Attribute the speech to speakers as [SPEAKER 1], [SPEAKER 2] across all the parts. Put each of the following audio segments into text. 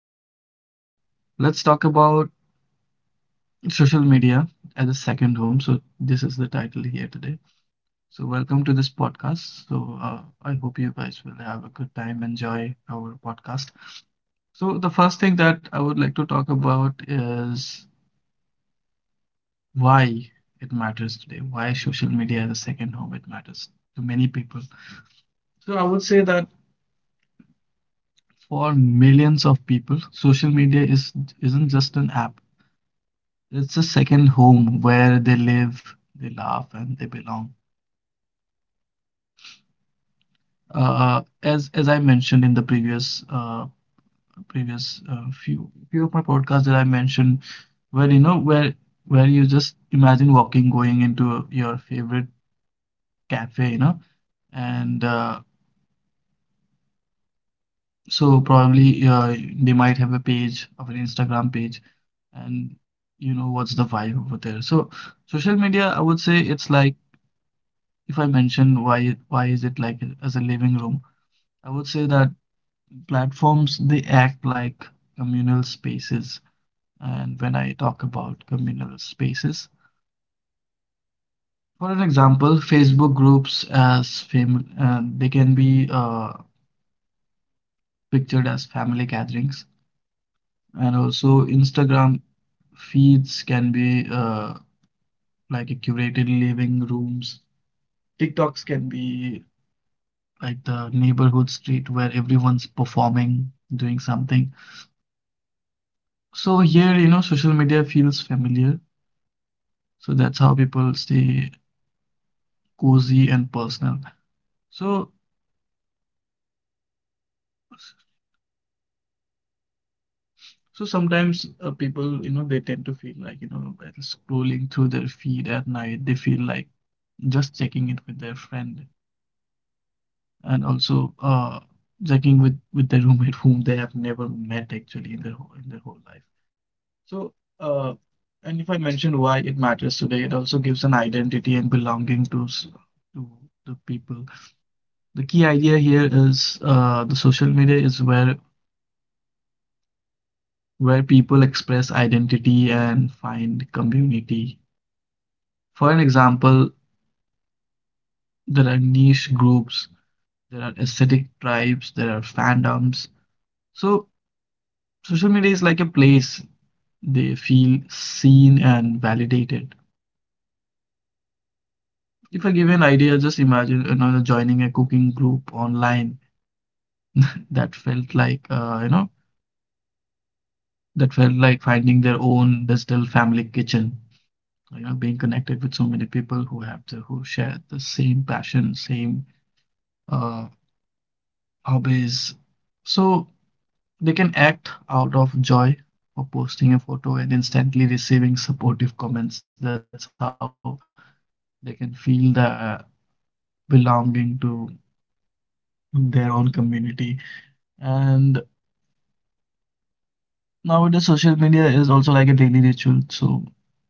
[SPEAKER 1] let's talk about social media as a second home. So this is the title here today. So welcome to this podcast. So I hope you guys will have a good time, enjoy our podcast. So the first thing that I would like to talk about is why it matters today, why social media as a second home it matters to many people. So I would say that for millions of people, social media is isn't just an app. It's a second home where they live, they laugh, and they belong. As I mentioned in the previous previous few of my podcasts that I mentioned, where you know where you just imagine walking going into your favorite cafe, you know, and so probably they might have a page of an Instagram page, and you know what's the vibe over there. So social media, I would say it's like if I mention why is it like as a living room, I would say that platforms they act like communal spaces. And when I talk about communal spaces, for an example, Facebook groups as fam they can be pictured as family gatherings. And also, Instagram feeds can be like a curated living rooms. TikToks can be like the neighborhood street where everyone's performing, doing something. So here, you know, social media feels familiar. So that's how people stay cozy and personal. So, so sometimes people, you know, they tend to feel like, you know, while scrolling through their feed at night, they feel like just checking it with their friend, and also checking with their roommate whom they have never met actually in their whole life. So, uh, and if I mention why it matters today, it also gives an identity and belonging to to the people. The key idea here is the social media is where people express identity and find community. For an example, there are niche groups, there are aesthetic tribes, there are fandoms. So social media is like a place they feel seen and validated. If I give an idea, just imagine you know, joining a cooking group online that felt like you know that felt like finding their own digital family kitchen. You know, being connected with so many people who have the who share the same passion, same uh, hobbies, so they can act out of joy for posting a photo and instantly receiving supportive comments. That's how they can feel the belonging to their own community. And nowadays, social media is also like a daily ritual. So people, you know,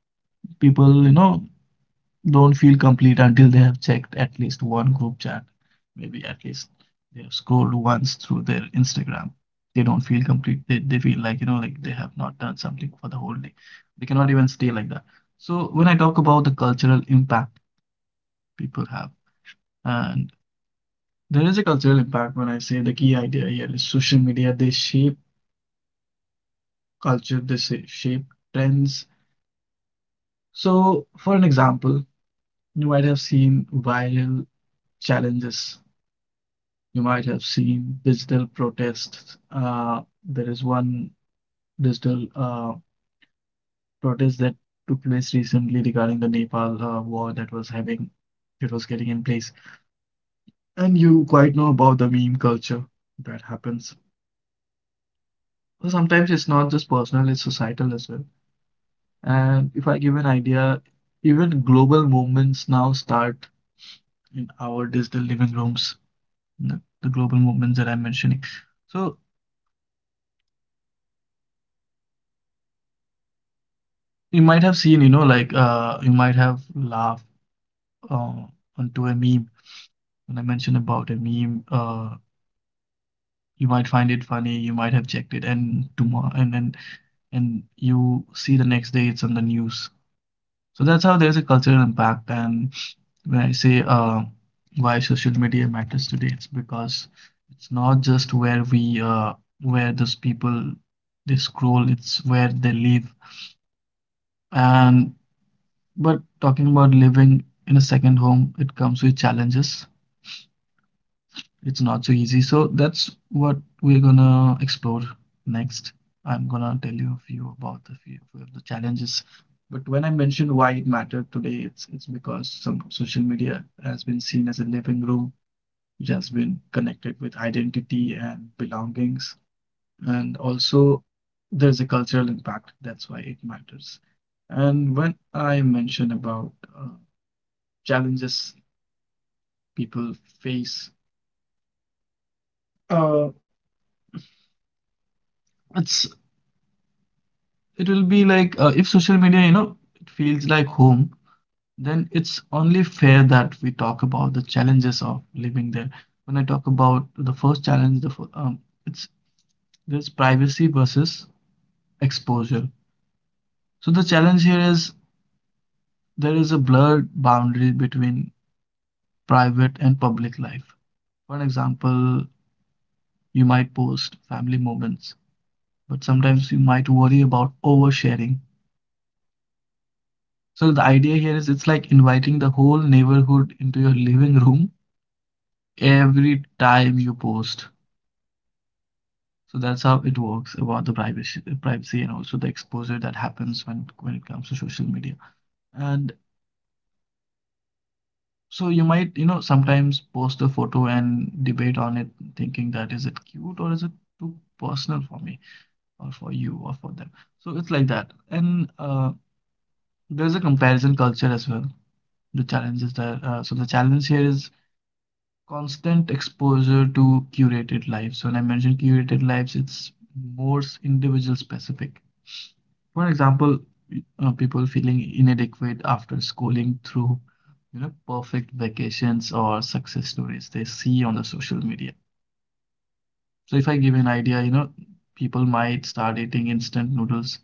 [SPEAKER 1] don't feel complete until they have checked at least one group chat. Maybe at least they have scrolled once through their Instagram. They don't feel complete. They feel like, you know, like they have not done something for the whole day. They cannot even stay like that. So when I talk about the cultural impact people have, and there is a cultural impact when I say the key idea here is social media. They shape culture, they shape trends. So, for an example, you might have seen viral challenges. You might have seen digital protests. There is one digital protest that took place recently regarding the Nepal war that was having, it was getting in place. And you quite know about the meme culture that happens. So sometimes it's not just personal, it's societal as well. And if I give an idea, even global movements now start in our digital living rooms, the global movements that I'm mentioning. So you might have seen, you know, like you might have laughed uh, onto a meme when I mentioned about a meme. You might find it funny, you might have checked it, and tomorrow, and then and you see the next day it's on the news. So that's how there's a cultural impact. And when I say why social media matters today, it's because it's not just where we where those people they scroll, it's where they live. And but talking about living in a second home, it comes with challenges. It's not so easy. So that's what we're gonna explore next. I'm gonna tell you a few about the few of the challenges. But when I mentioned why it mattered today, it's because some social media has been seen as a living room, which has been connected with identity and belongings. And also there's a cultural impact. That's why it matters. And when I mention about uh, challenges people face, Uh, it's it will be like if social media, you know, it feels like home, then it's only fair that we talk about the challenges of living there. When I talk about the first challenge, it's there's privacy versus exposure. So the challenge here is there is a blurred boundary between private and public life. For an example, you might post family moments, but sometimes you might worry about oversharing. So the idea here is it's like inviting the whole neighborhood into your living room every time you post. So that's how it works about the privacy, and also the exposure that happens when it comes to social media. And so you might, you know, sometimes post a photo and debate on it, thinking that is it cute or is it too personal for me or for you or for them. So it's like that. And there's a comparison culture as well. The challenge here is constant exposure to curated lives. So when I mention curated lives, it's more individual specific. For example, people feeling inadequate after scrolling through, you know, perfect vacations or success stories they see on the social media. So if I give an idea, you know, people might start eating instant noodles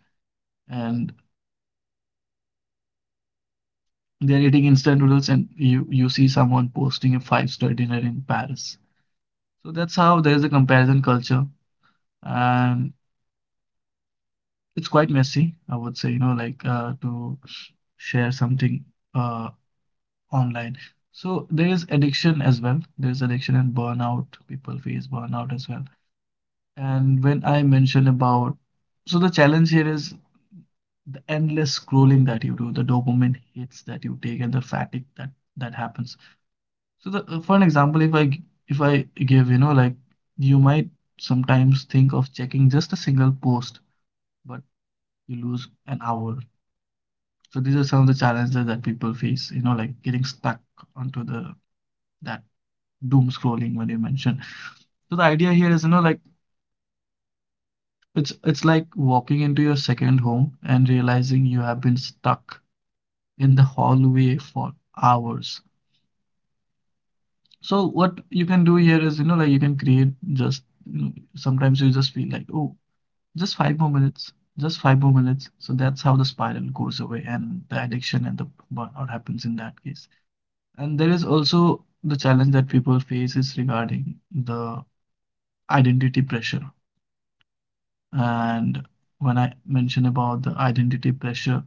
[SPEAKER 1] and they're eating instant noodles and you see someone posting a five-star dinner in Paris. So that's how there is a comparison culture and it's quite messy, I would say, you know, like to share something uh, online. So there is addiction as well. There's addiction and burnout. People face burnout as well. And when I mention about, so the challenge here is the endless scrolling that you do, the dopamine hits that you take, and the fatigue that happens. So the for an example, if I give, you know, like you might sometimes think of checking just a single post, but you lose an hour. So these are some of the challenges that people face, you know, like getting stuck onto the that doom scrolling when you mentioned. So the idea here is, you know, like it's like walking into your second home and realizing you have been stuck in the hallway for hours. So what you can do here is, you know, like you can create just, you know, sometimes you just feel like, oh, just 5 more minutes, just 5 more minutes. So that's how the spiral goes away and the addiction and the burnout happens in that case. And there is also the challenge that people face is regarding the identity pressure. And when I mention about the identity pressure,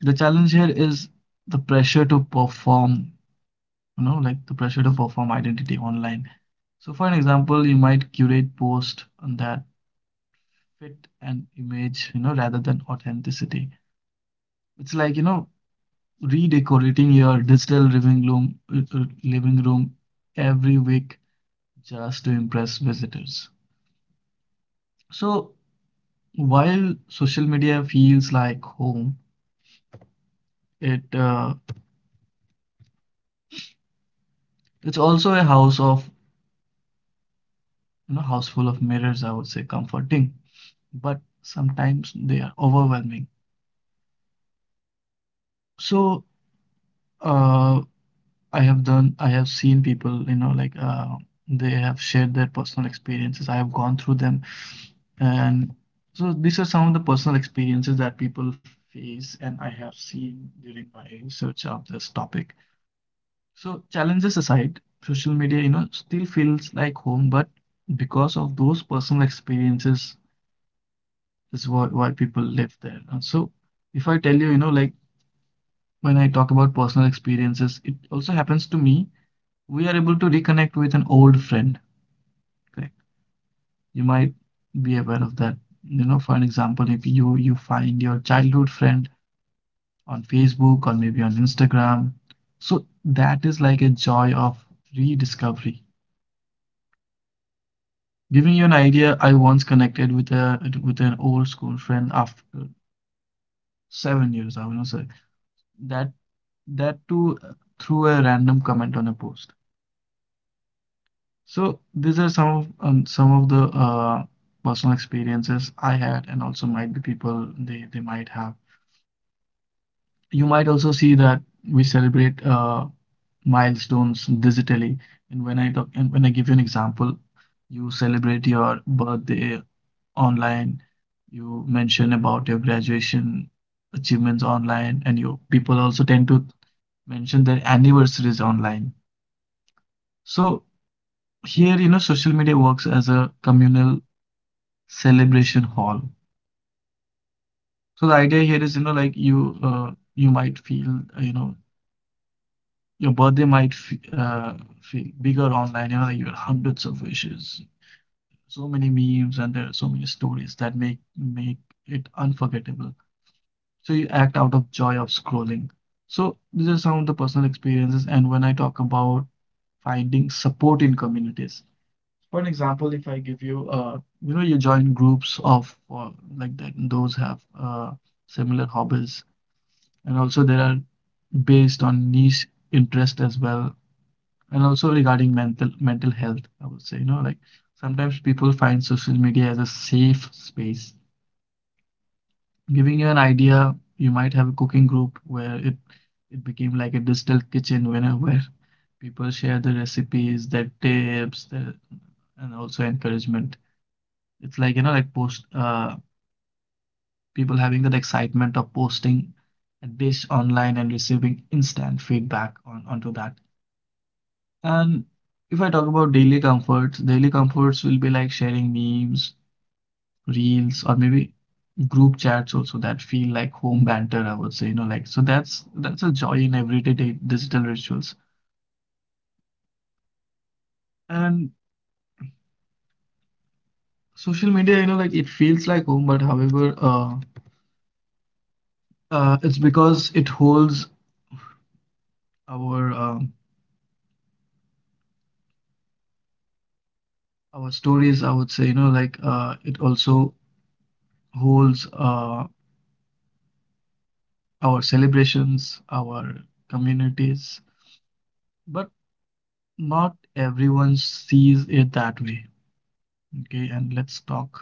[SPEAKER 1] the challenge here is the pressure to perform, you know, like the pressure to perform identity online. So for an example, you might curate post on that fit an image, you know, rather than authenticity. It's like, you know, redecorating your digital living room every week just to impress visitors. So while social media feels like home, it uh, it's also a house of you know house full of mirrors. I would say comforting, but sometimes they are overwhelming. So uh, I have done I have seen people you know like they have shared their personal experiences. I have gone through them, and so these are some of the personal experiences that people face, and I have seen during my research of this topic. So challenges aside, social media, you know, still feels like home, but because of those personal experiences is why people live there. And so if I tell you, you know, like when I talk about personal experiences, it also happens to me. We are able to reconnect with an old friend, correct? You might be aware of that. You know, for an example, if you find your childhood friend on Facebook or maybe on Instagram, so that is like a joy of rediscovery. Giving you an idea, I once connected with a with an old school friend after 7 years, I want to say. That that too Through a random comment on a post. So these are some of the personal experiences I had, and also might be people they might have. You might also see that we celebrate milestones digitally. And when I give you an example, you celebrate your birthday online. You mention about your graduation achievements online, and you people also tend to mention their anniversaries online. So here, you know, social media works as a communal celebration hall. So the idea here is, you might feel, your birthday might f feel bigger online. You know, like you have hundreds of wishes, so many memes, and there are so many stories that make it unforgettable. So you act out of joy of scrolling. So these are some of the personal experiences. And when I talk about finding support in communities, for an example, if I give you you know you join groups of like that, and those have uh, similar hobbies, and also there are based on niche interest as well. And also regarding mental health, I would say, you know, like sometimes people find social media as a safe space. Giving you an idea, you might have a cooking group where it became like a digital kitchen winner where people share the recipes, their tips, their, and also encouragement. It's like, you know, like post people having that excitement of posting a dish online and receiving instant feedback on onto that. And if I talk about daily comforts will be like sharing memes, reels, or maybe group chats also that feel like home banter, I would say, you know, like. So that's a joy in everyday digital rituals. And social media, you know, like it feels like home, but however, it's because it holds our um, our stories, I would say. You know, like it also holds our celebrations, our communities, but not everyone sees it that way. Okay, and let's talk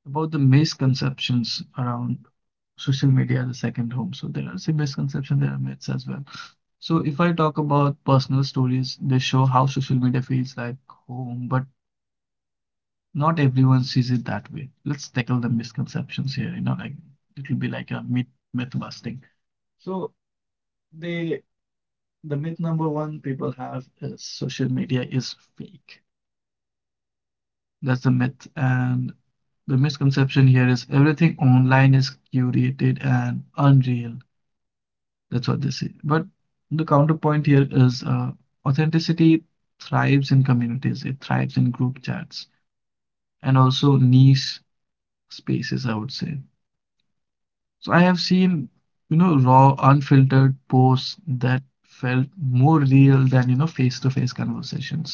[SPEAKER 1] about the misconceptions around social media as a second home. So there are some misconceptions, there are myths as well. So if I talk about personal stories, they show how social media feels like home, but not everyone sees it that way. Let's tackle the misconceptions here, you know, like it will be like a myth busting. So they the myth number one people have is social media is fake. That's the myth. And the misconception here is everything online is curated and unreal. That's what they say. But the counterpoint here is authenticity thrives in communities, it thrives in group chats and also niche spaces, I would say. So I have seen, you know, raw, unfiltered posts that felt more real than, you know, face-to-face conversations.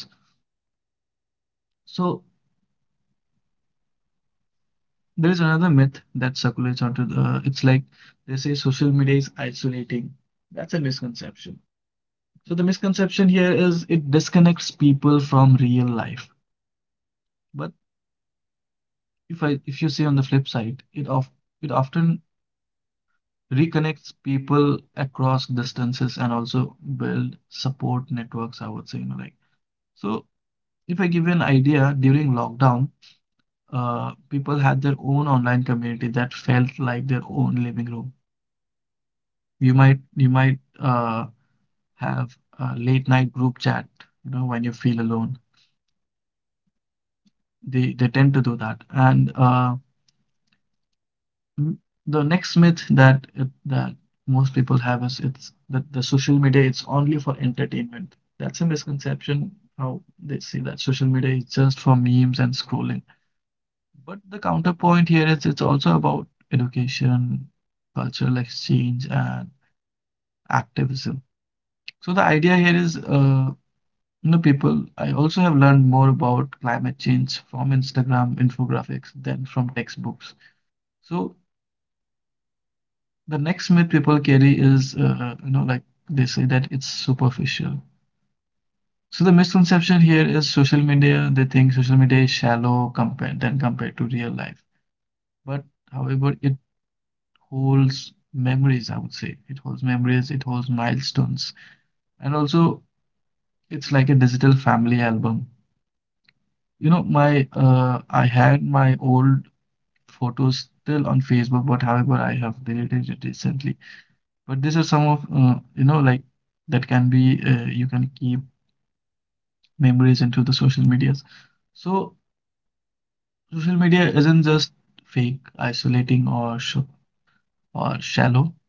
[SPEAKER 1] So there is another myth that circulates onto the, it's like they say social media is isolating. That's a misconception. So the misconception here is it disconnects people from real life. But if you see on the flip side, it of it often reconnects people across distances and also build support networks, I would say, you know, like. So if I give you an idea, during lockdown, people had their own online community that felt like their own living room. You might you might have a late night group chat, you know, when you feel alone. They tend to do that. And m- the next myth that it, that most people have is it's that the social media it's only for entertainment. That's a misconception how they see that social media is just for memes and scrolling. But the counterpoint here is it's also about education, cultural exchange, and activism. So the idea here is no people, I also have learned more about climate change from Instagram infographics than from textbooks. So the next myth people carry is, you know, like they say that it's superficial. So the misconception here is social media, they think social media is shallow compared to real life. But however, it holds memories, I would say. It holds memories, it holds milestones. And also it's like a digital family album. You know, my I had my old photos still on Facebook, but however, I have deleted it recently. But these are some of, you know, like that can be, you can keep memories into the social medias. So social media isn't just fake, isolating, or shallow.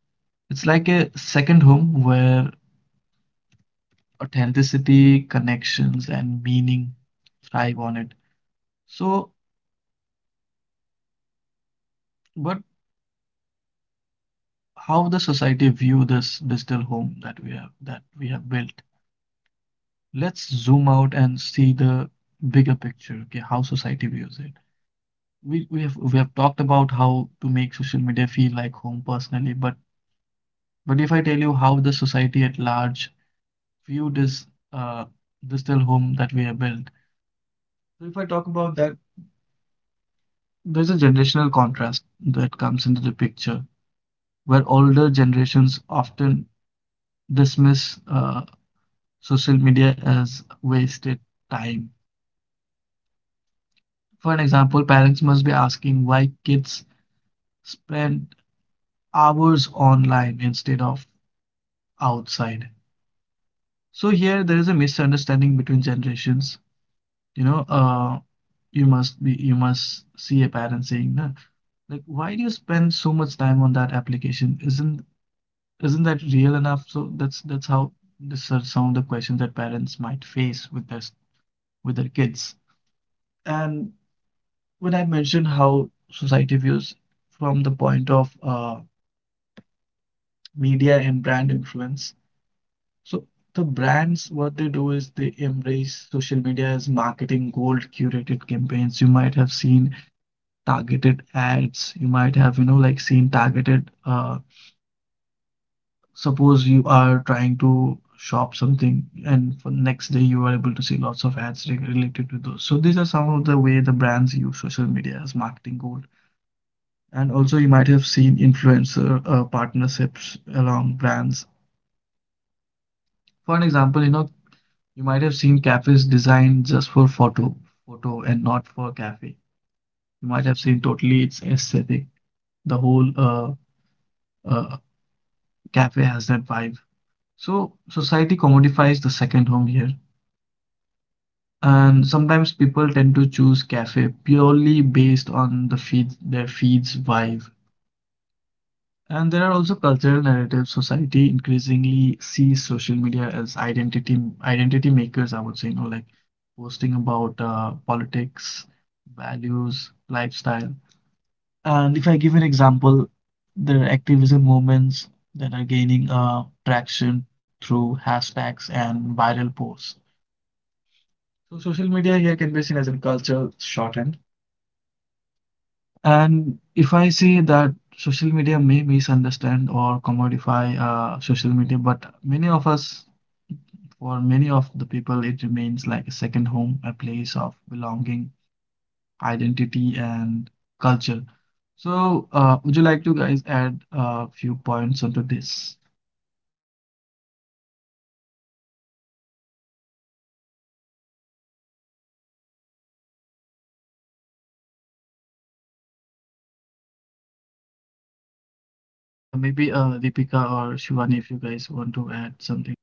[SPEAKER 1] It's like a second home where authenticity, connections, and meaning thrive on it. So, but how the society view this digital home that we have built? Let's zoom out and see the bigger picture, okay, how society views it. We have talked about how to make social media feel like home personally, but if I tell you how the society at large view this uh this little home that we have built, so if I talk about that, there's a generational contrast that comes into the picture where older generations often dismiss social media as wasted time. For an example, parents must be asking why kids spend hours online instead of outside. So here there is a misunderstanding between generations. You know, you must be, you must see a parent saying, "Nah, like, why do you spend so much time on that application? Isn't that real enough?" So that's how these are some of the questions that parents might face with their kids. And when I mentioned how society views from the point of media and brand influence, so the brands, what they do is they embrace social media as marketing gold curated campaigns. You might have seen targeted ads. You might have, you know, like seen targeted, suppose you are trying to shop something and for next day you are able to see lots of ads related to those. So these are some of the way the brands use social media as marketing gold. And also you might have seen influencer partnerships along brands. For an example, you know, you might have seen cafes designed just for photo and not for cafe. You might have seen totally its aesthetic. The whole uh, cafe has that vibe. So society commodifies the second home here, and sometimes people tend to choose cafe purely based on their feed's vibe. And there are also cultural narratives. Society increasingly sees social media as identity makers, I would say, you know, like posting about politics, values, lifestyle. And if I give an example, there are activism movements that are gaining traction through hashtags and viral posts. So social media here can be seen as a cultural shorthand. And if I say that social media may misunderstand or commodify social media, but many of us, for many of the people, it remains like a second home, a place of belonging, identity, and culture. So, would you like to guys add a few points onto this? Yeah, maybe Deepika or Shivani, if you guys want to add something.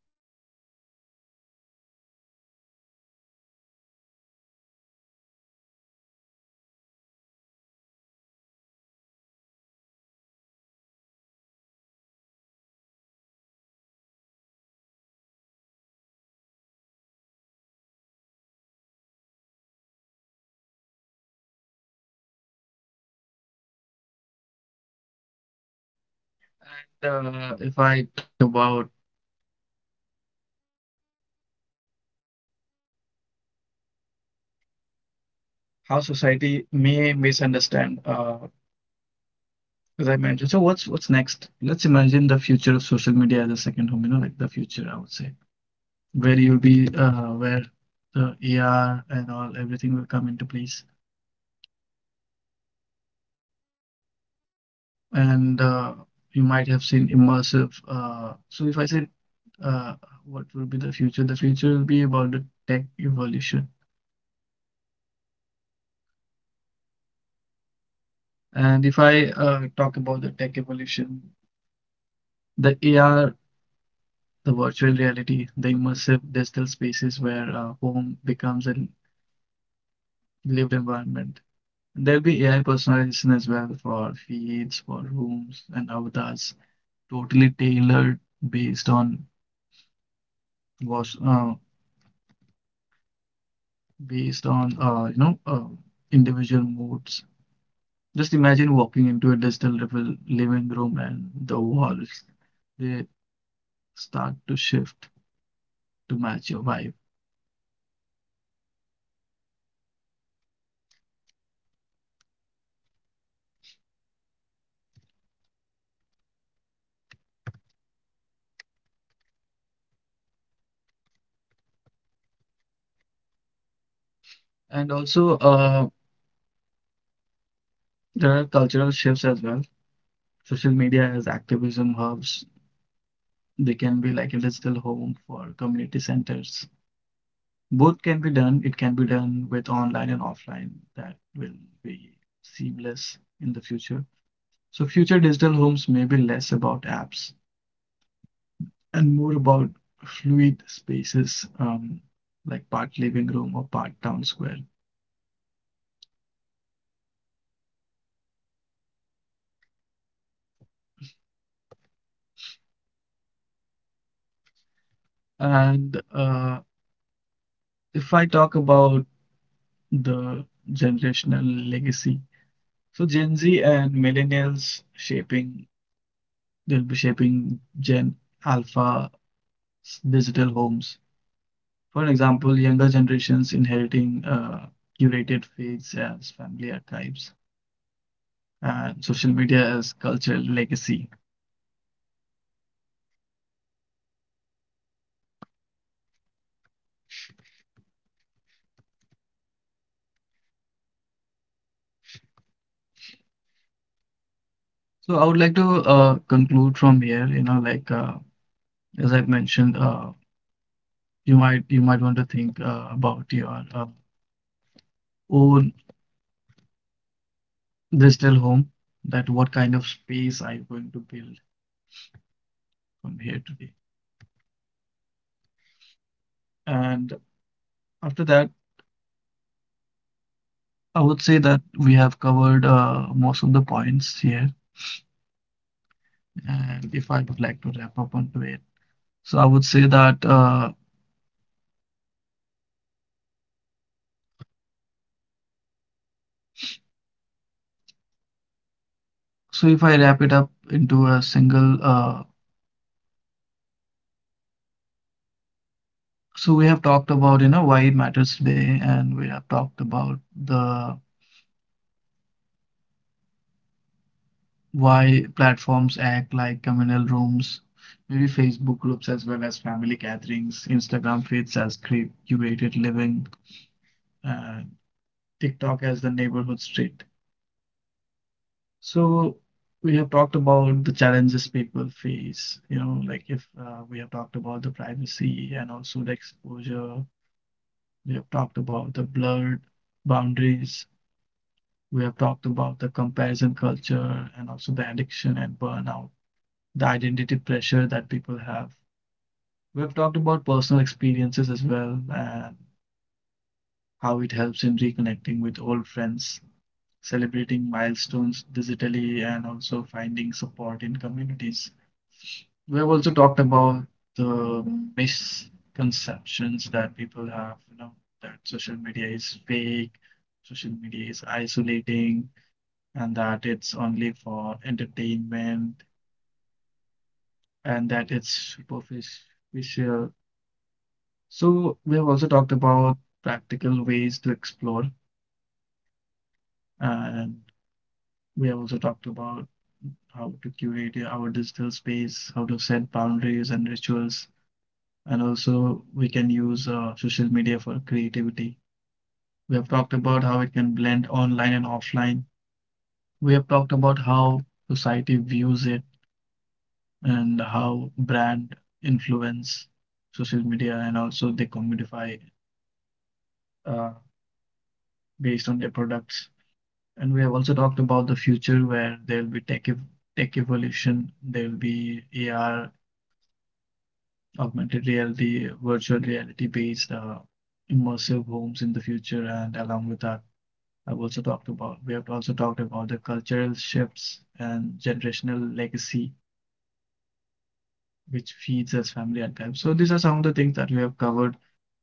[SPEAKER 1] If I talk about how society may misunderstand as I mentioned, so what's next? Let's imagine the future of social media as a second home, you know, like the future, I would say, where you'll be, where the AR and all everything will come into place, and you might have seen immersive. So if I said, uh, what will be the future? The future will be about the tech evolution, and if I talk about the tech evolution, the AR, the virtual reality, the immersive digital spaces where home becomes a lived environment. There'll be AI personalization as well for feeds, for rooms, and avatars, totally tailored based on was uh, based on individual moods. Just imagine walking into a digital living room and the walls they start to shift to match your vibe. And also, there are cultural shifts as well. Social media as activism hubs. They can be like a digital home for community centers. Both can be done. It can be done with online and offline. That will be seamless in the future. So future digital homes may be less about apps and more about fluid spaces, like part living room or part town square. And if I talk about the generational legacy, so Gen Z and millennials shaping, they'll be shaping Gen Alpha's digital homes. For example, younger generations inheriting curated feeds as family archives and social media as cultural legacy. So I would like to conclude from here. You know, like as I've mentioned, you might want to think about your own digital home. That what kind of space are you going to build from here today? And after that, I would say that we have covered most of the points here. And if I would like to wrap up on today. So I would say that, so if I wrap it up into a single, so we have talked about, you know, why it matters today, and we have talked about the why platforms act like communal rooms, maybe Facebook groups as well as family gatherings, Instagram feeds as curated living, and TikTok as the neighborhood street. So we have talked about the challenges people face, you know, like if we have talked about the privacy and also the exposure. We have talked about the blurred boundaries. We have talked about the comparison culture and also the addiction and burnout, the identity pressure that people have. We have talked about personal experiences as well and how it helps in reconnecting with old friends, celebrating milestones digitally, and also finding support in communities. We have also talked about the misconceptions that people have, you know, that social media is fake, social media is isolating, and that it's only for entertainment, and that it's superficial. So we have also talked about practical ways to explore, and we have also talked about how to curate our digital space, how to set boundaries and rituals, and also we can use social media for creativity. We have talked about how it can blend online and offline. We have talked about how society views it and how brand influence social media and also they commodify uh, based on their products. And we have also talked about the future where there will be tech evolution, there will be AR, augmented reality, virtual reality based immersive homes in the future, and along with that I've also talked about, we have also talked about the cultural shifts and generational legacy, which feeds as family archives. So these are some of the things that we have covered.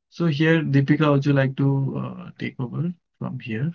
[SPEAKER 1] So here, Deepika, would you like to take over from here?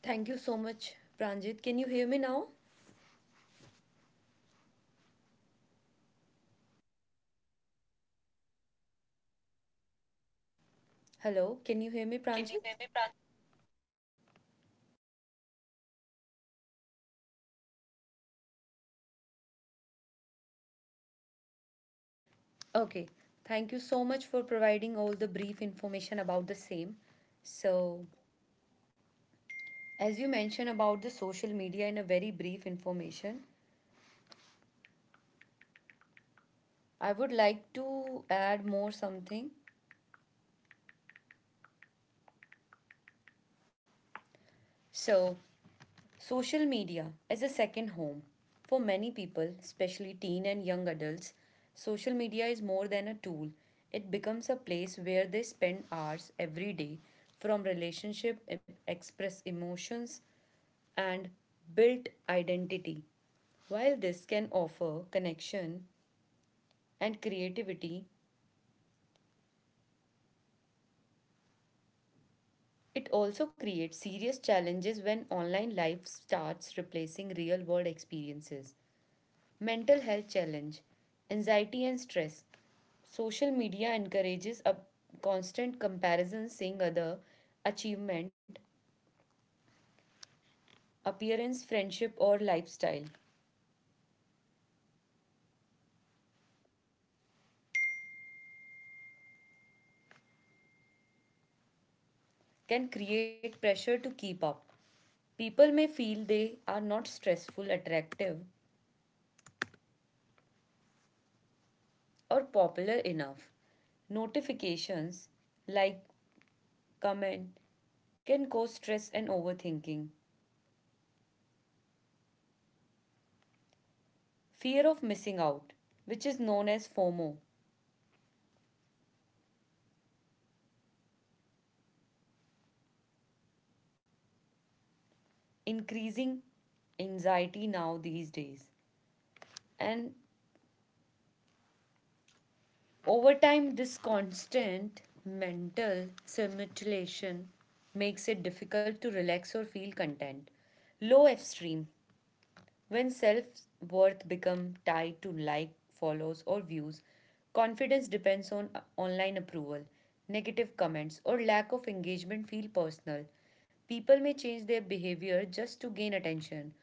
[SPEAKER 2] Thank you so much, Pranjit. Can you hear me now? Hello, can you hear me, Pranjit? Okay. Thank you so much for providing all the brief information about the same. So, as you mentioned about the social media in a very brief information, I would like to add more something. So, social media as a second home. For many people, especially teen and young adults, social media is more than a tool. It becomes a place where they spend hours every day from relationship, express emotions, and build identity. While this can offer connection and creativity, it also creates serious challenges when online life starts replacing real world experiences. Mental health challenge, anxiety and stress. Social media encourages a constant comparison seeing other achievement, appearance, friendship or lifestyle can create pressure to keep up. People may feel they are not stressful, attractive or popular enough. Notifications like comment can cause stress and overthinking. Fear of missing out, which is known as FOMO, increasing anxiety now these days. And over time, this constant mental stimulation makes it difficult to relax or feel content. Low F stream when self worth becomes tied to like, follows, or views, confidence depends on online approval, negative comments, or lack of engagement feel personal. People may change their behavior just to gain attention.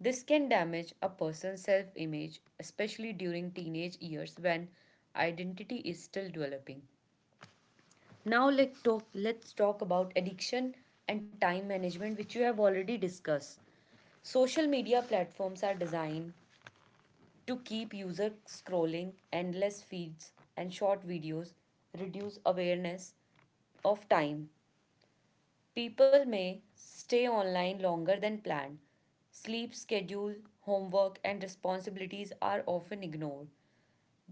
[SPEAKER 2] This can damage a person's self image, especially during teenage years when identity is still developing. Now let's talk about addiction and time management, which you have already discussed. Social media platforms are designed to keep user scrolling endless feeds and short videos reduce awareness of time people may stay online longer than planned sleep schedule homework and responsibilities are often ignored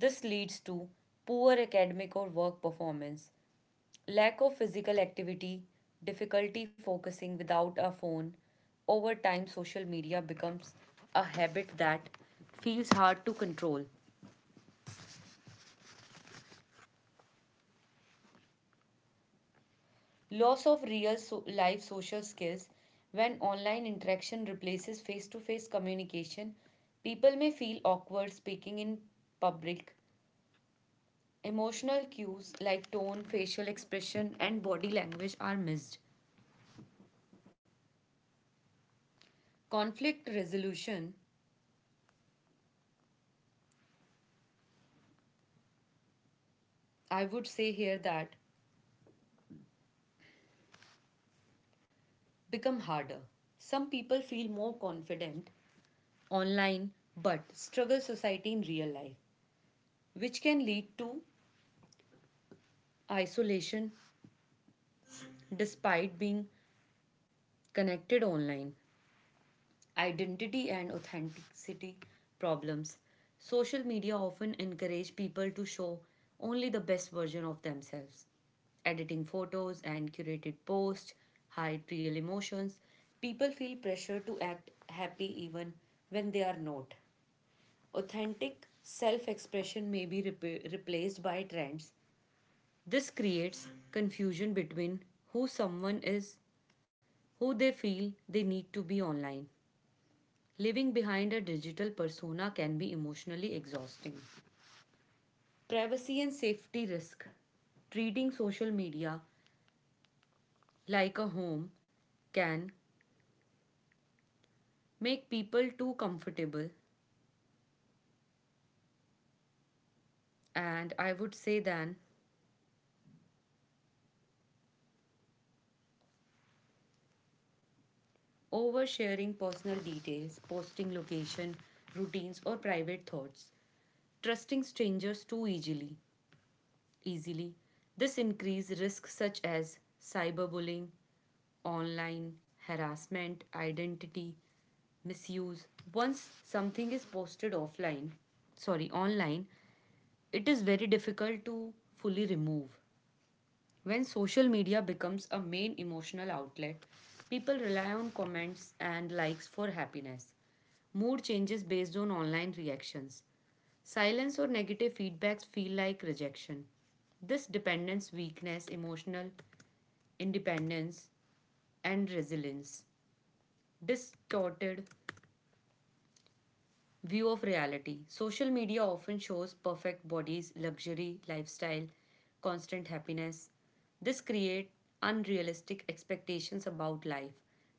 [SPEAKER 2] this leads to poor academic or work performance lack of physical activity difficulty focusing without a phone over time social media becomes a habit that feels hard to control. Loss of real life social skills when online interaction replaces face to face communication, people may feel awkward speaking in public. Emotional cues like tone, facial expression, and body language are missed. Conflict resolution, I would say here that become harder. Some people feel more confident online but struggle society in real life, which can lead to isolation despite being connected online, identity and authenticity problems. Social media often encourage people to show only the best version of themselves. Editing photos and curated posts hide real emotions. People feel pressure to act happy even when they are not. Authentic self expression may be replaced by trends. This creates confusion between who someone is, who they feel they need to be online. Living behind a digital persona can be emotionally exhausting. Privacy and safety risk. Treating social media like a home can make people too comfortable, and I would say then oversharing personal details, posting location, routines, or private thoughts, trusting strangers too easily. Easily, this increases risks such as cyberbullying, online harassment, identity misuse. Once something is posted offline, sorry, online, it is very difficult to fully remove. When social media becomes a main emotional outlet, people rely on comments and likes for happiness. Mood changes based on online reactions. Silence or negative feedbacks feel like rejection. This dependence, weakness, emotional independence, and resilience distorted view of reality. Social media often shows perfect bodies, luxury, lifestyle, constant happiness. This creates unrealistic expectations about life.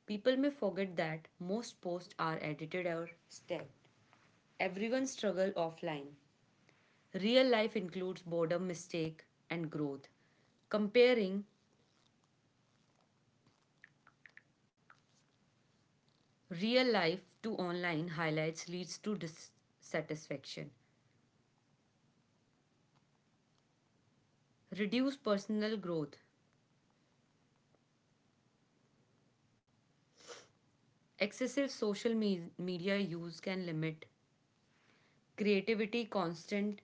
[SPEAKER 2] People may forget that most posts are edited or staged. Everyone struggle offline. Real life includes boredom, mistake, and growth. Comparing real life to online highlights leads to dissatisfaction. Reduce personal growth. Excessive social media use can limit creativity, constant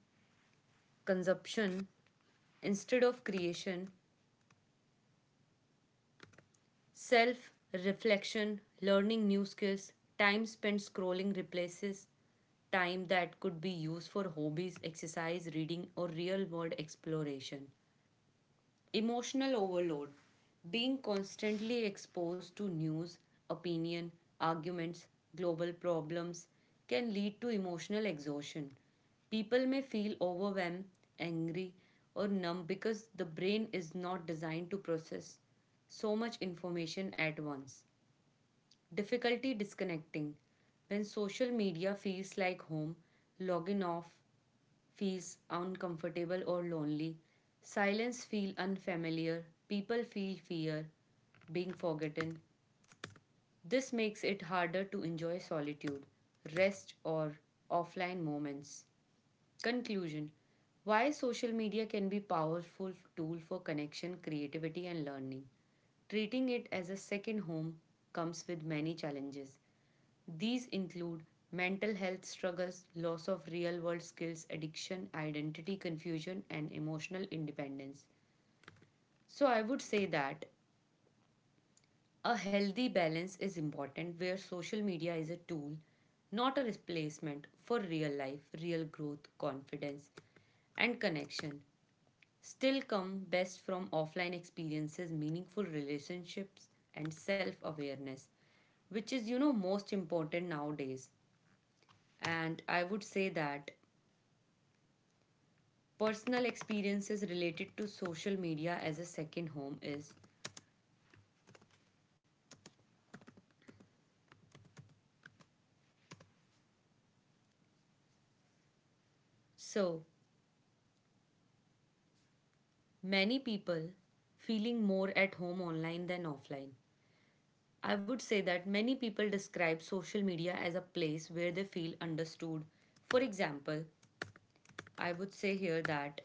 [SPEAKER 2] consumption instead of creation, self reflection, learning new skills, time spent scrolling replaces time that could be used for hobbies, exercise, reading, or real world exploration. Emotional overload. Being constantly exposed to news, opinion, arguments, global problems can lead to emotional exhaustion. People may feel overwhelmed, angry, or numb because the brain is not designed to process so much information at once. Difficulty disconnecting. When social media feels like home, logging off feels uncomfortable or lonely. Silence feels unfamiliar. People feel fear being forgotten. This makes it harder to enjoy solitude, rest or offline moments. Conclusion why social media can be powerful tool for connection, creativity and learning. Treating it as a second home comes with many challenges. These include mental health struggles, loss of real world skills, addiction, identity confusion, and emotional independence. So, I would say that a healthy balance is important where social media is a tool, not a replacement for real life, real growth, confidence, and connection still come best from offline experiences, meaningful relationships, and self awareness, which is, you know, most important nowadays. And I would say that personal experiences related to social media as a second home is so many people feeling more at home online than offline. I would say that many people describe social media as a place where they feel understood. For example, I would say here that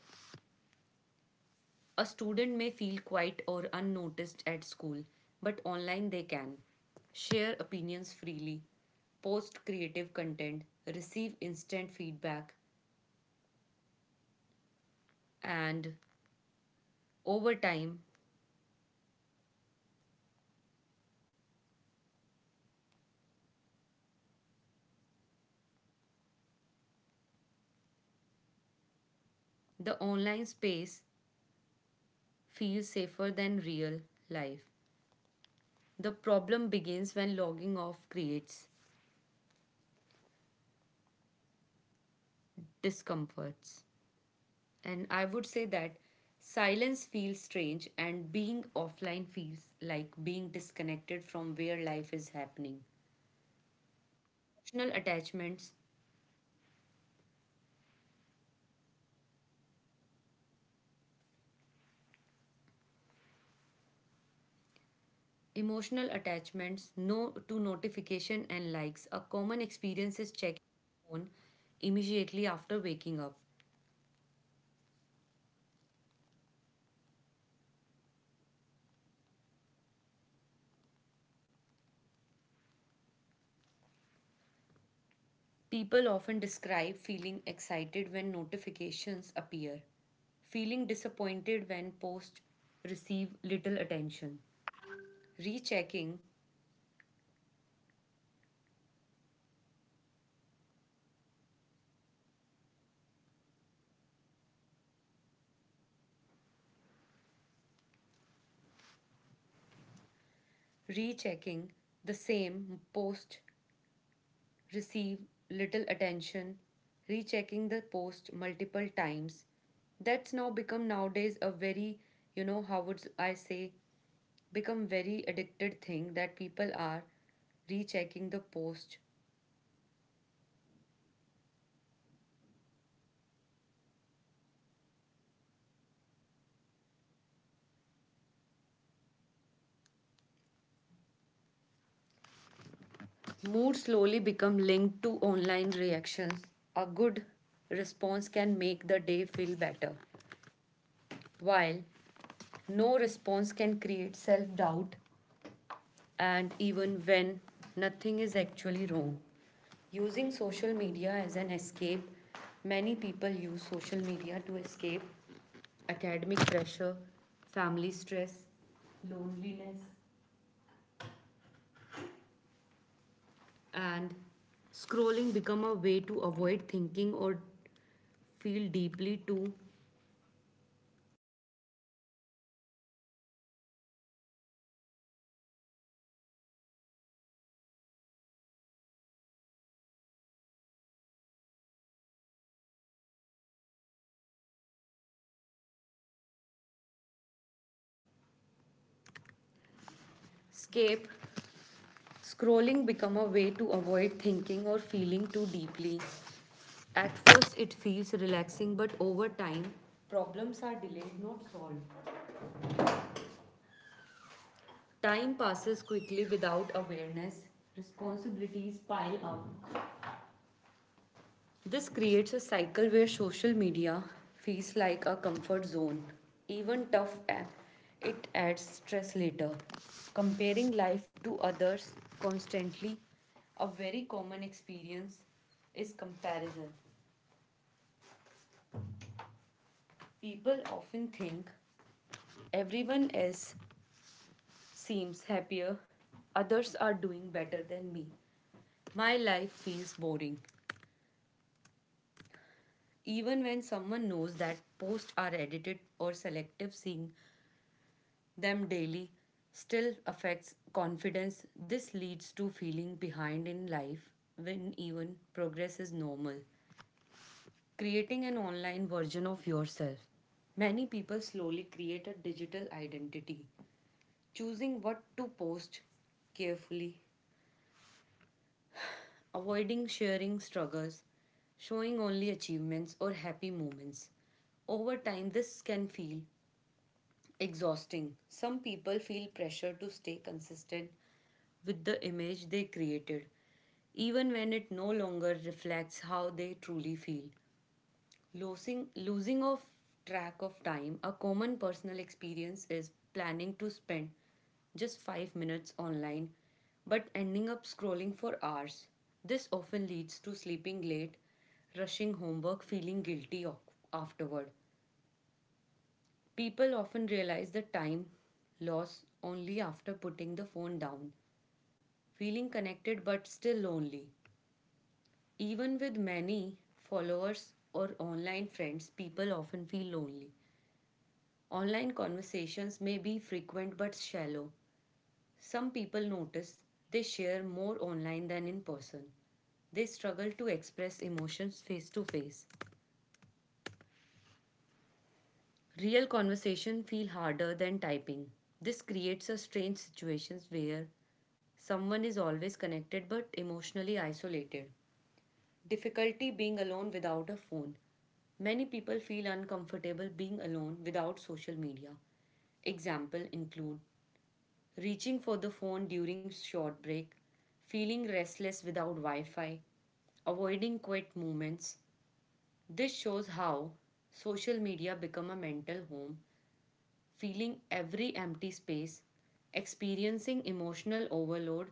[SPEAKER 2] a student may feel quiet or unnoticed at school, but online they can share opinions freely, post creative content, receive instant feedback, and over time, the online space feels safer than real life. The problem begins when logging off creates discomforts. And I would say that silence feels strange and being offline feels like being disconnected from where life is happening. Emotional attachments. Emotional attachments no to notification and likes. A common experience is checking the phone immediately after waking up. People often describe feeling excited when notifications appear, feeling disappointed when posts receive little attention, rechecking, rechecking the same post receive little attention, rechecking the post multiple times. That's now become nowadays a very, you know, how would I say, become very addicted thing that people are rechecking the post. Mood slowly become linked to online reactions. A good response can make the day feel better, while no response can create self doubt and even when nothing is actually wrong. Using social media as an escape, many people use social media to escape academic pressure, family stress, loneliness, and scrolling become a way to avoid thinking or feel deeply to escape. Scrolling become a way to avoid thinking or feeling too deeply. At first it feels relaxing but over time problems are delayed not solved. Time passes quickly without awareness. Responsibilities pile up. This creates a cycle where social media feels like a comfort zone. Even tough, it adds stress later. Comparing life to others constantly, a very common experience is comparison. People often think everyone else seems happier, others are doing better than me. My life feels boring. Even when someone knows that posts are edited or selective, seeing them daily still affects confidence. This leads to feeling behind in life when even progress is normal. Creating an online version of yourself. Many people slowly create a digital identity, choosing what to post carefully, avoiding sharing struggles, showing only achievements or happy moments. Over time, this can feel exhausting. Some people feel pressure to stay consistent with the image they created, even when it no longer reflects how they truly feel. Losing of track of time, a common personal experience is planning to spend just 5 minutes online but ending up scrolling for hours. This often leads to sleeping late, rushing homework, feeling guilty afterward. People often realize the time loss only after putting the phone down, feeling connected but still lonely. Even with many followers or online friends, people often feel lonely. Online conversations may be frequent but shallow. Some people notice they share more online than in person. They struggle to express emotions face to face. Real conversation feel harder than typing. This creates a strange situations where someone is always connected but emotionally isolated. Difficulty being alone without a phone. Many people feel uncomfortable being alone without social media. Example include reaching for the phone during short break, feeling restless without Wi-Fi, avoiding quiet moments. This shows how social media become a mental home feeling every empty space, experiencing emotional overload.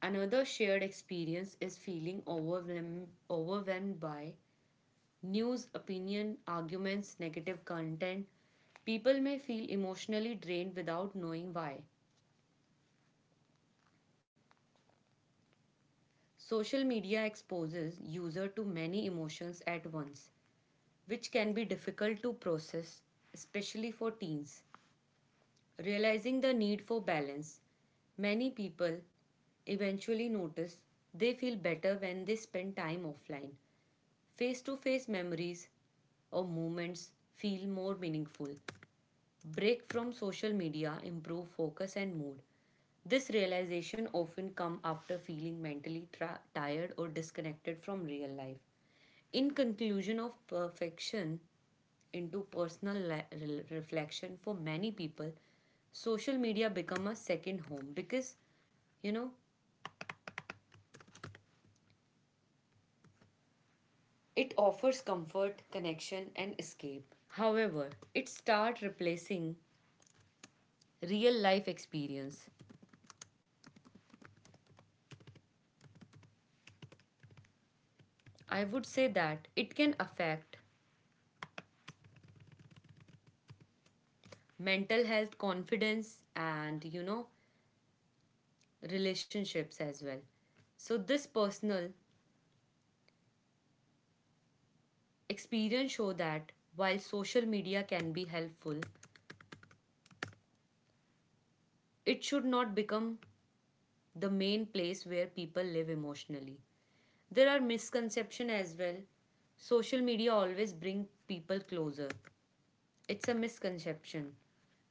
[SPEAKER 2] Another shared experience is feeling overwhelmed by news, opinion, arguments, negative content. People may feel emotionally drained without knowing why. Social media exposes user to many emotions at once, which can be difficult to process, especially for teens. Realizing the need for balance, many people eventually notice they feel better when they spend time offline. Face to face memories or moments feel more meaningful. Break from social media improve focus and mood. This realization often come after feeling mentally tired or disconnected from real life. In conclusion of perfection into personal reflection, for many people social media become a second home because you know it offers comfort, connection, and escape. However, it start replacing real life experience. I would say that it can affect mental health, confidence, and relationships as well. So this personal experience show that while social media can be helpful, it should not become the main place where people live emotionally. There are misconceptions as well. Social media always brings people closer. It's a misconception.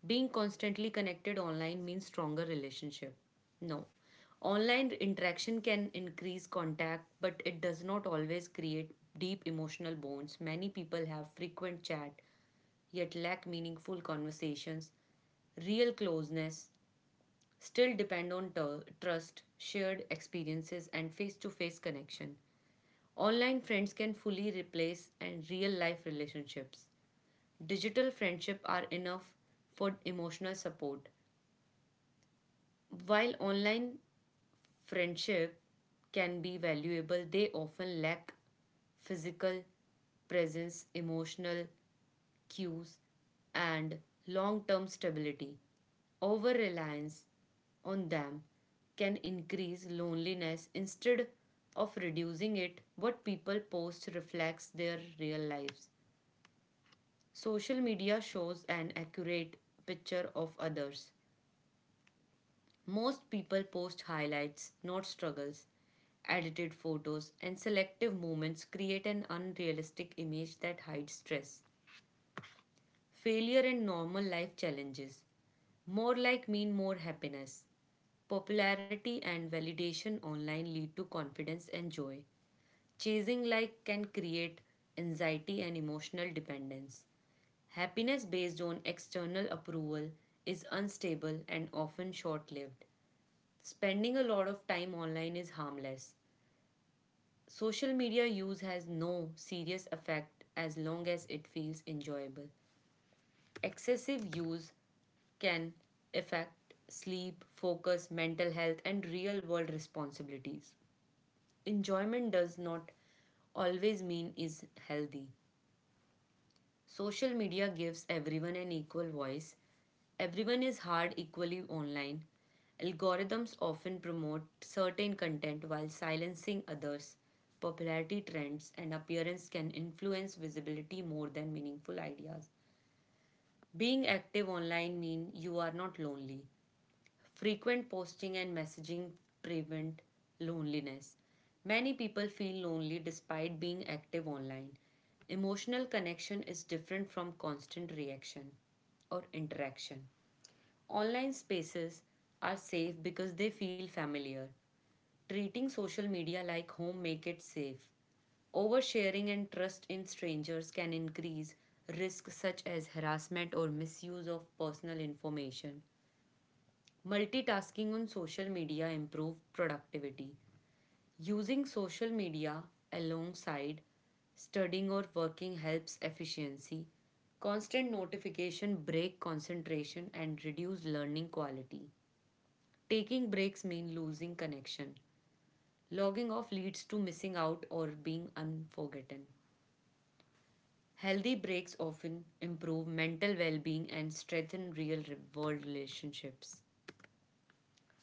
[SPEAKER 2] Being constantly connected online means stronger relationship. No. Online interaction can increase contact, but it does not always create deep emotional bonds. Many people have frequent chat yet lack meaningful conversations, real closeness, still depend on trust, shared experiences, and face to face connection. Online friends can fully replace and real life relationships. Digital friendship are enough for emotional support, while online friendship can be valuable, they often lack physical presence, emotional cues, and long term stability. Over reliance on them can increase loneliness instead of reducing it. What people post reflects their real lives. Social media shows an accurate picture of others, most people post highlights, not struggles. Edited photos and selective moments create an unrealistic image that hides stress, failure, and normal life challenges. More like mean more happiness. Popularity and validation online lead to confidence and joy. Chasing like can create anxiety and emotional dependence. Happiness based on external approval is unstable and often short lived. Spending a lot of time online is harmless. Social media use has no serious effect as long as it feels enjoyable. Excessive use can affect sleep, focus, mental health, and real world responsibilities. Enjoyment does not always mean is healthy. Social media gives everyone an equal voice. Everyone is heard equally online. Algorithms often promote certain content while silencing others. Popularity trends and appearance can influence visibility more than meaningful ideas. Being active online means you are not lonely. Frequent posting and messaging prevent loneliness. Many people feel lonely despite being active online. Emotional connection is different from constant reaction or interaction. Online spaces are safe because they feel familiar. Treating social media like home make it safe. Oversharing and trust in strangers can increase risks such as harassment or misuse of personal information. Multitasking on social media improve productivity. Using social media alongside studying or working helps efficiency. Constant notification break concentration and reduce learning quality. Taking breaks mean losing connection. Logging off leads to missing out or being unforgotten. Healthy breaks often improve mental well-being and strengthen real-world relationships.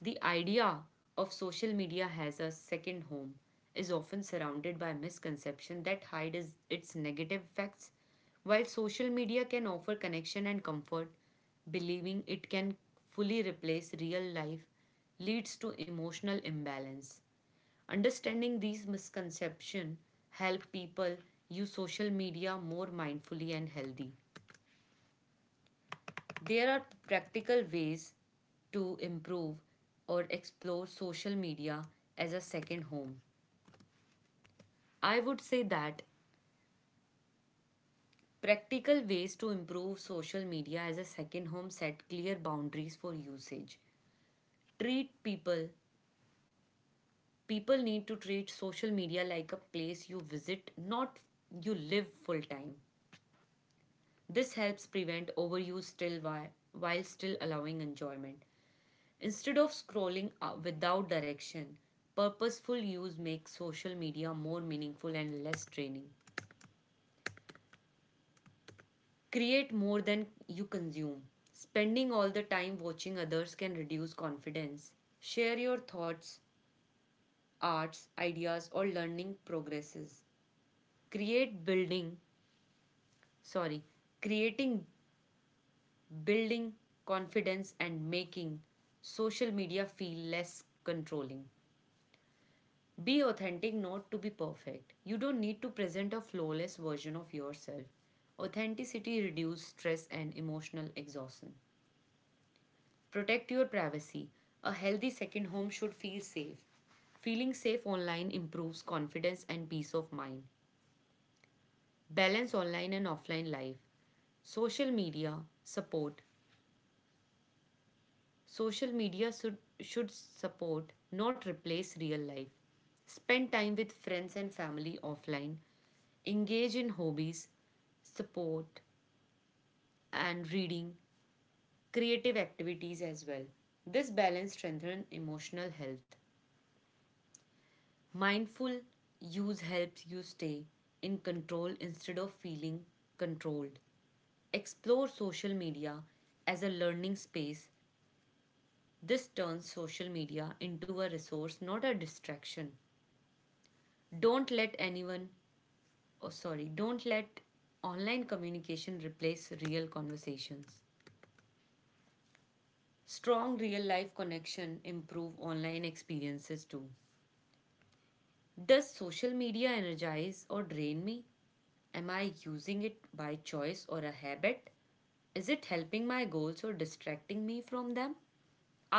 [SPEAKER 2] The idea of social media as a second home is often surrounded by misconceptions that hide its negative effects. While social media can offer connection and comfort, believing it can fully replace real life leads to emotional imbalance. Understanding these misconceptions help people use social media more mindfully and healthy. There are practical ways to improve or explore social media as a second home. I would say that practical ways to improve social media as a second home set clear boundaries for usage. Treat people, people need to treat social media like a place you visit, not you live full time. This helps prevent overuse while still allowing enjoyment. Instead of scrolling without direction, purposeful use makes social media more meaningful and less draining. Create more than you consume. Spending all the time watching others can reduce confidence. Share your thoughts, arts, ideas, or learning progresses. Create building, sorry, creating building confidence and making social media feel less controlling. Be authentic, not to be perfect. You don't need to present a flawless version of yourself. Authenticity reduces stress and emotional exhaustion. Protect your privacy. A healthy second home should feel safe. Feeling safe online improves confidence and peace of mind. Balance online and offline life. Social media support Social media should support, not replace real life. Spend time with friends and family offline. Engage in hobbies, support, and reading, creative activities as well. This balance strengthens emotional health. Mindful use helps you stay in control instead of feeling controlled. Explore social media as a learning space. This turns social media into a resource, not a distraction. Don't let anyone oh sorry don't let online communication replace real conversations. Strong real life connection improve online experiences too. Does social media energize or drain me? Am I using it by choice or a habit? Is it helping my goals or distracting me from them?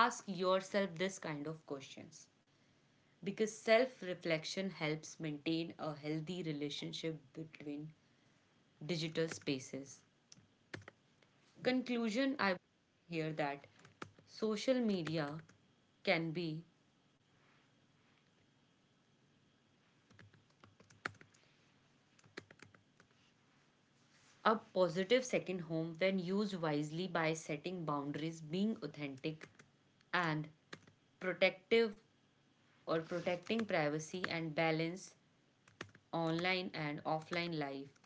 [SPEAKER 2] Ask yourself this kind of questions because self reflection helps maintain a healthy relationship between digital spaces. Conclusion. I hear that social media can be a positive second home when used wisely by setting boundaries, being authentic and protective or protecting privacy and balance online and offline life.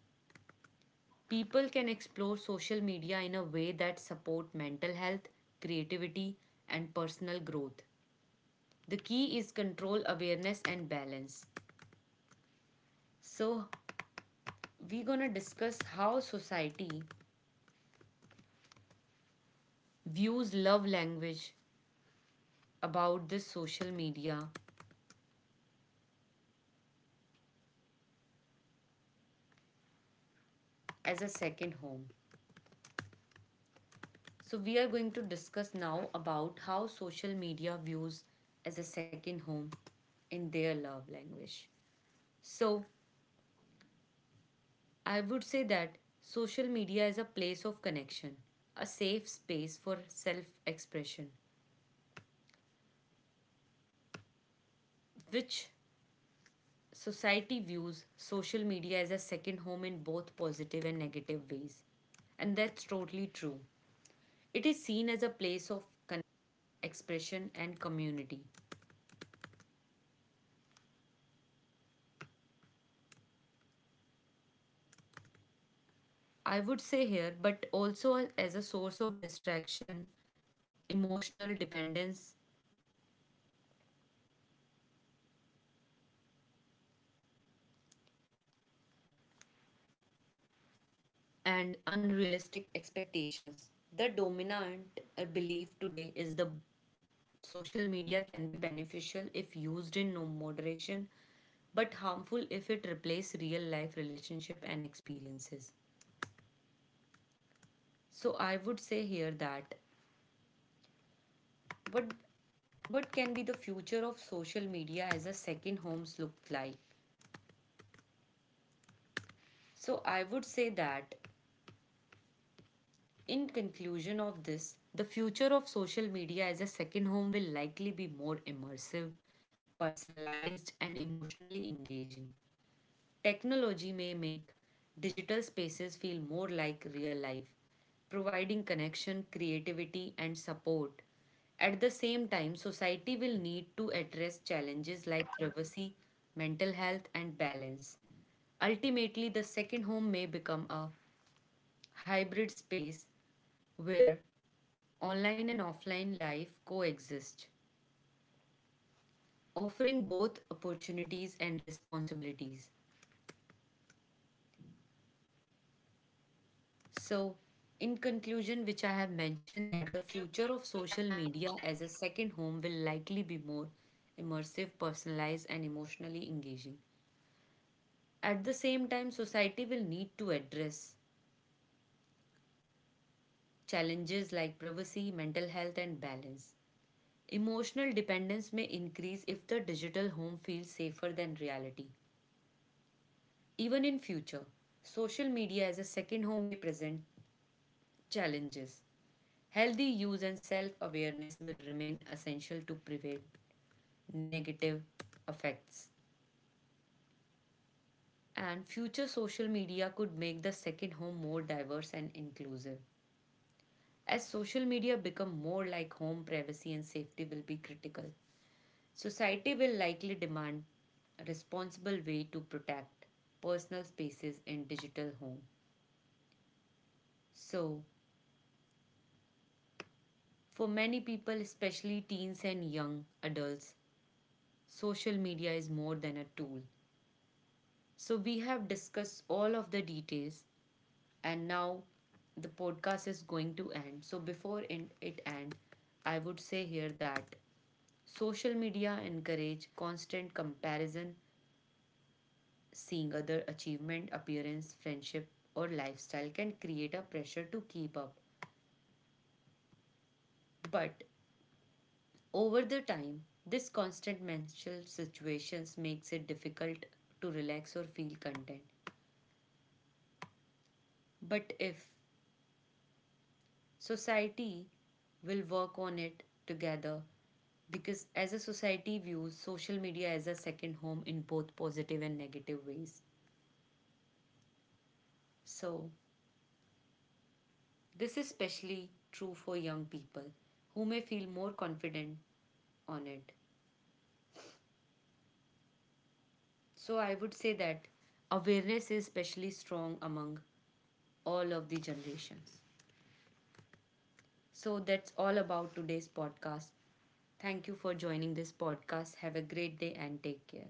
[SPEAKER 2] People can explore social media in a way that support mental health, creativity and personal growth. The key is control, awareness and balance. So we're gonna discuss how society views love language about this social media as a second home. So, we are going to discuss now about how social media views as a second home in their love language. So, I would say that social media is a place of connection, a safe space for self expression, which Society views social media as a second home in both positive and negative ways. And that's totally true. It is seen as a place of expression and community. I would say here, but also as a source of distraction, emotional dependence, and unrealistic expectations. The dominant belief today is the Social media can be beneficial if used in no moderation, but harmful if it replaces real life relationship and experiences. So I would say here that what what can be the future of social media as a second homes look like? So I would say that in conclusion of this, the future of social media as a second home will likely be more immersive, personalized and emotionally engaging. Technology may make digital spaces feel more like real life, providing connection, creativity, and support. At the same time, society will need to address challenges like privacy, mental health, and balance. Ultimately, the second home may become a hybrid space where online and offline life coexist, offering both opportunities and responsibilities. So, in conclusion, which I have mentioned that the future of social media as a second home will likely be more immersive, personalized, and emotionally engaging. At the same time, society will need to address challenges like privacy, mental health, and balance. Emotional dependence may increase if the digital home feels safer than reality. Even in future, social media as a second home may present challenges. Healthy use and self awareness will remain essential to prevent negative effects. And future social media could make the second home more diverse and inclusive. As social media become more like home, privacy and safety will be critical. Society will likely demand a responsible way to protect personal spaces in digital home. So, for many people, especially teens and young adults, social media is more than a tool. So we have discussed all of the details and now the podcast is going to end. So before it end, I would say here that social media encourage constant comparison, seeing other achievement, appearance, friendship or lifestyle can create a pressure to keep up. But over the time, this constant mental situations makes it difficult to relax or feel content. But if Society will work on it together because as a society views social media as a second home in both positive and negative ways. So, this is especially true for young people who may feel more confident on it. So, I would say that awareness is especially strong among all of the generations. So, that's all about today's podcast. Thank you for joining this podcast. Have a great day and take care.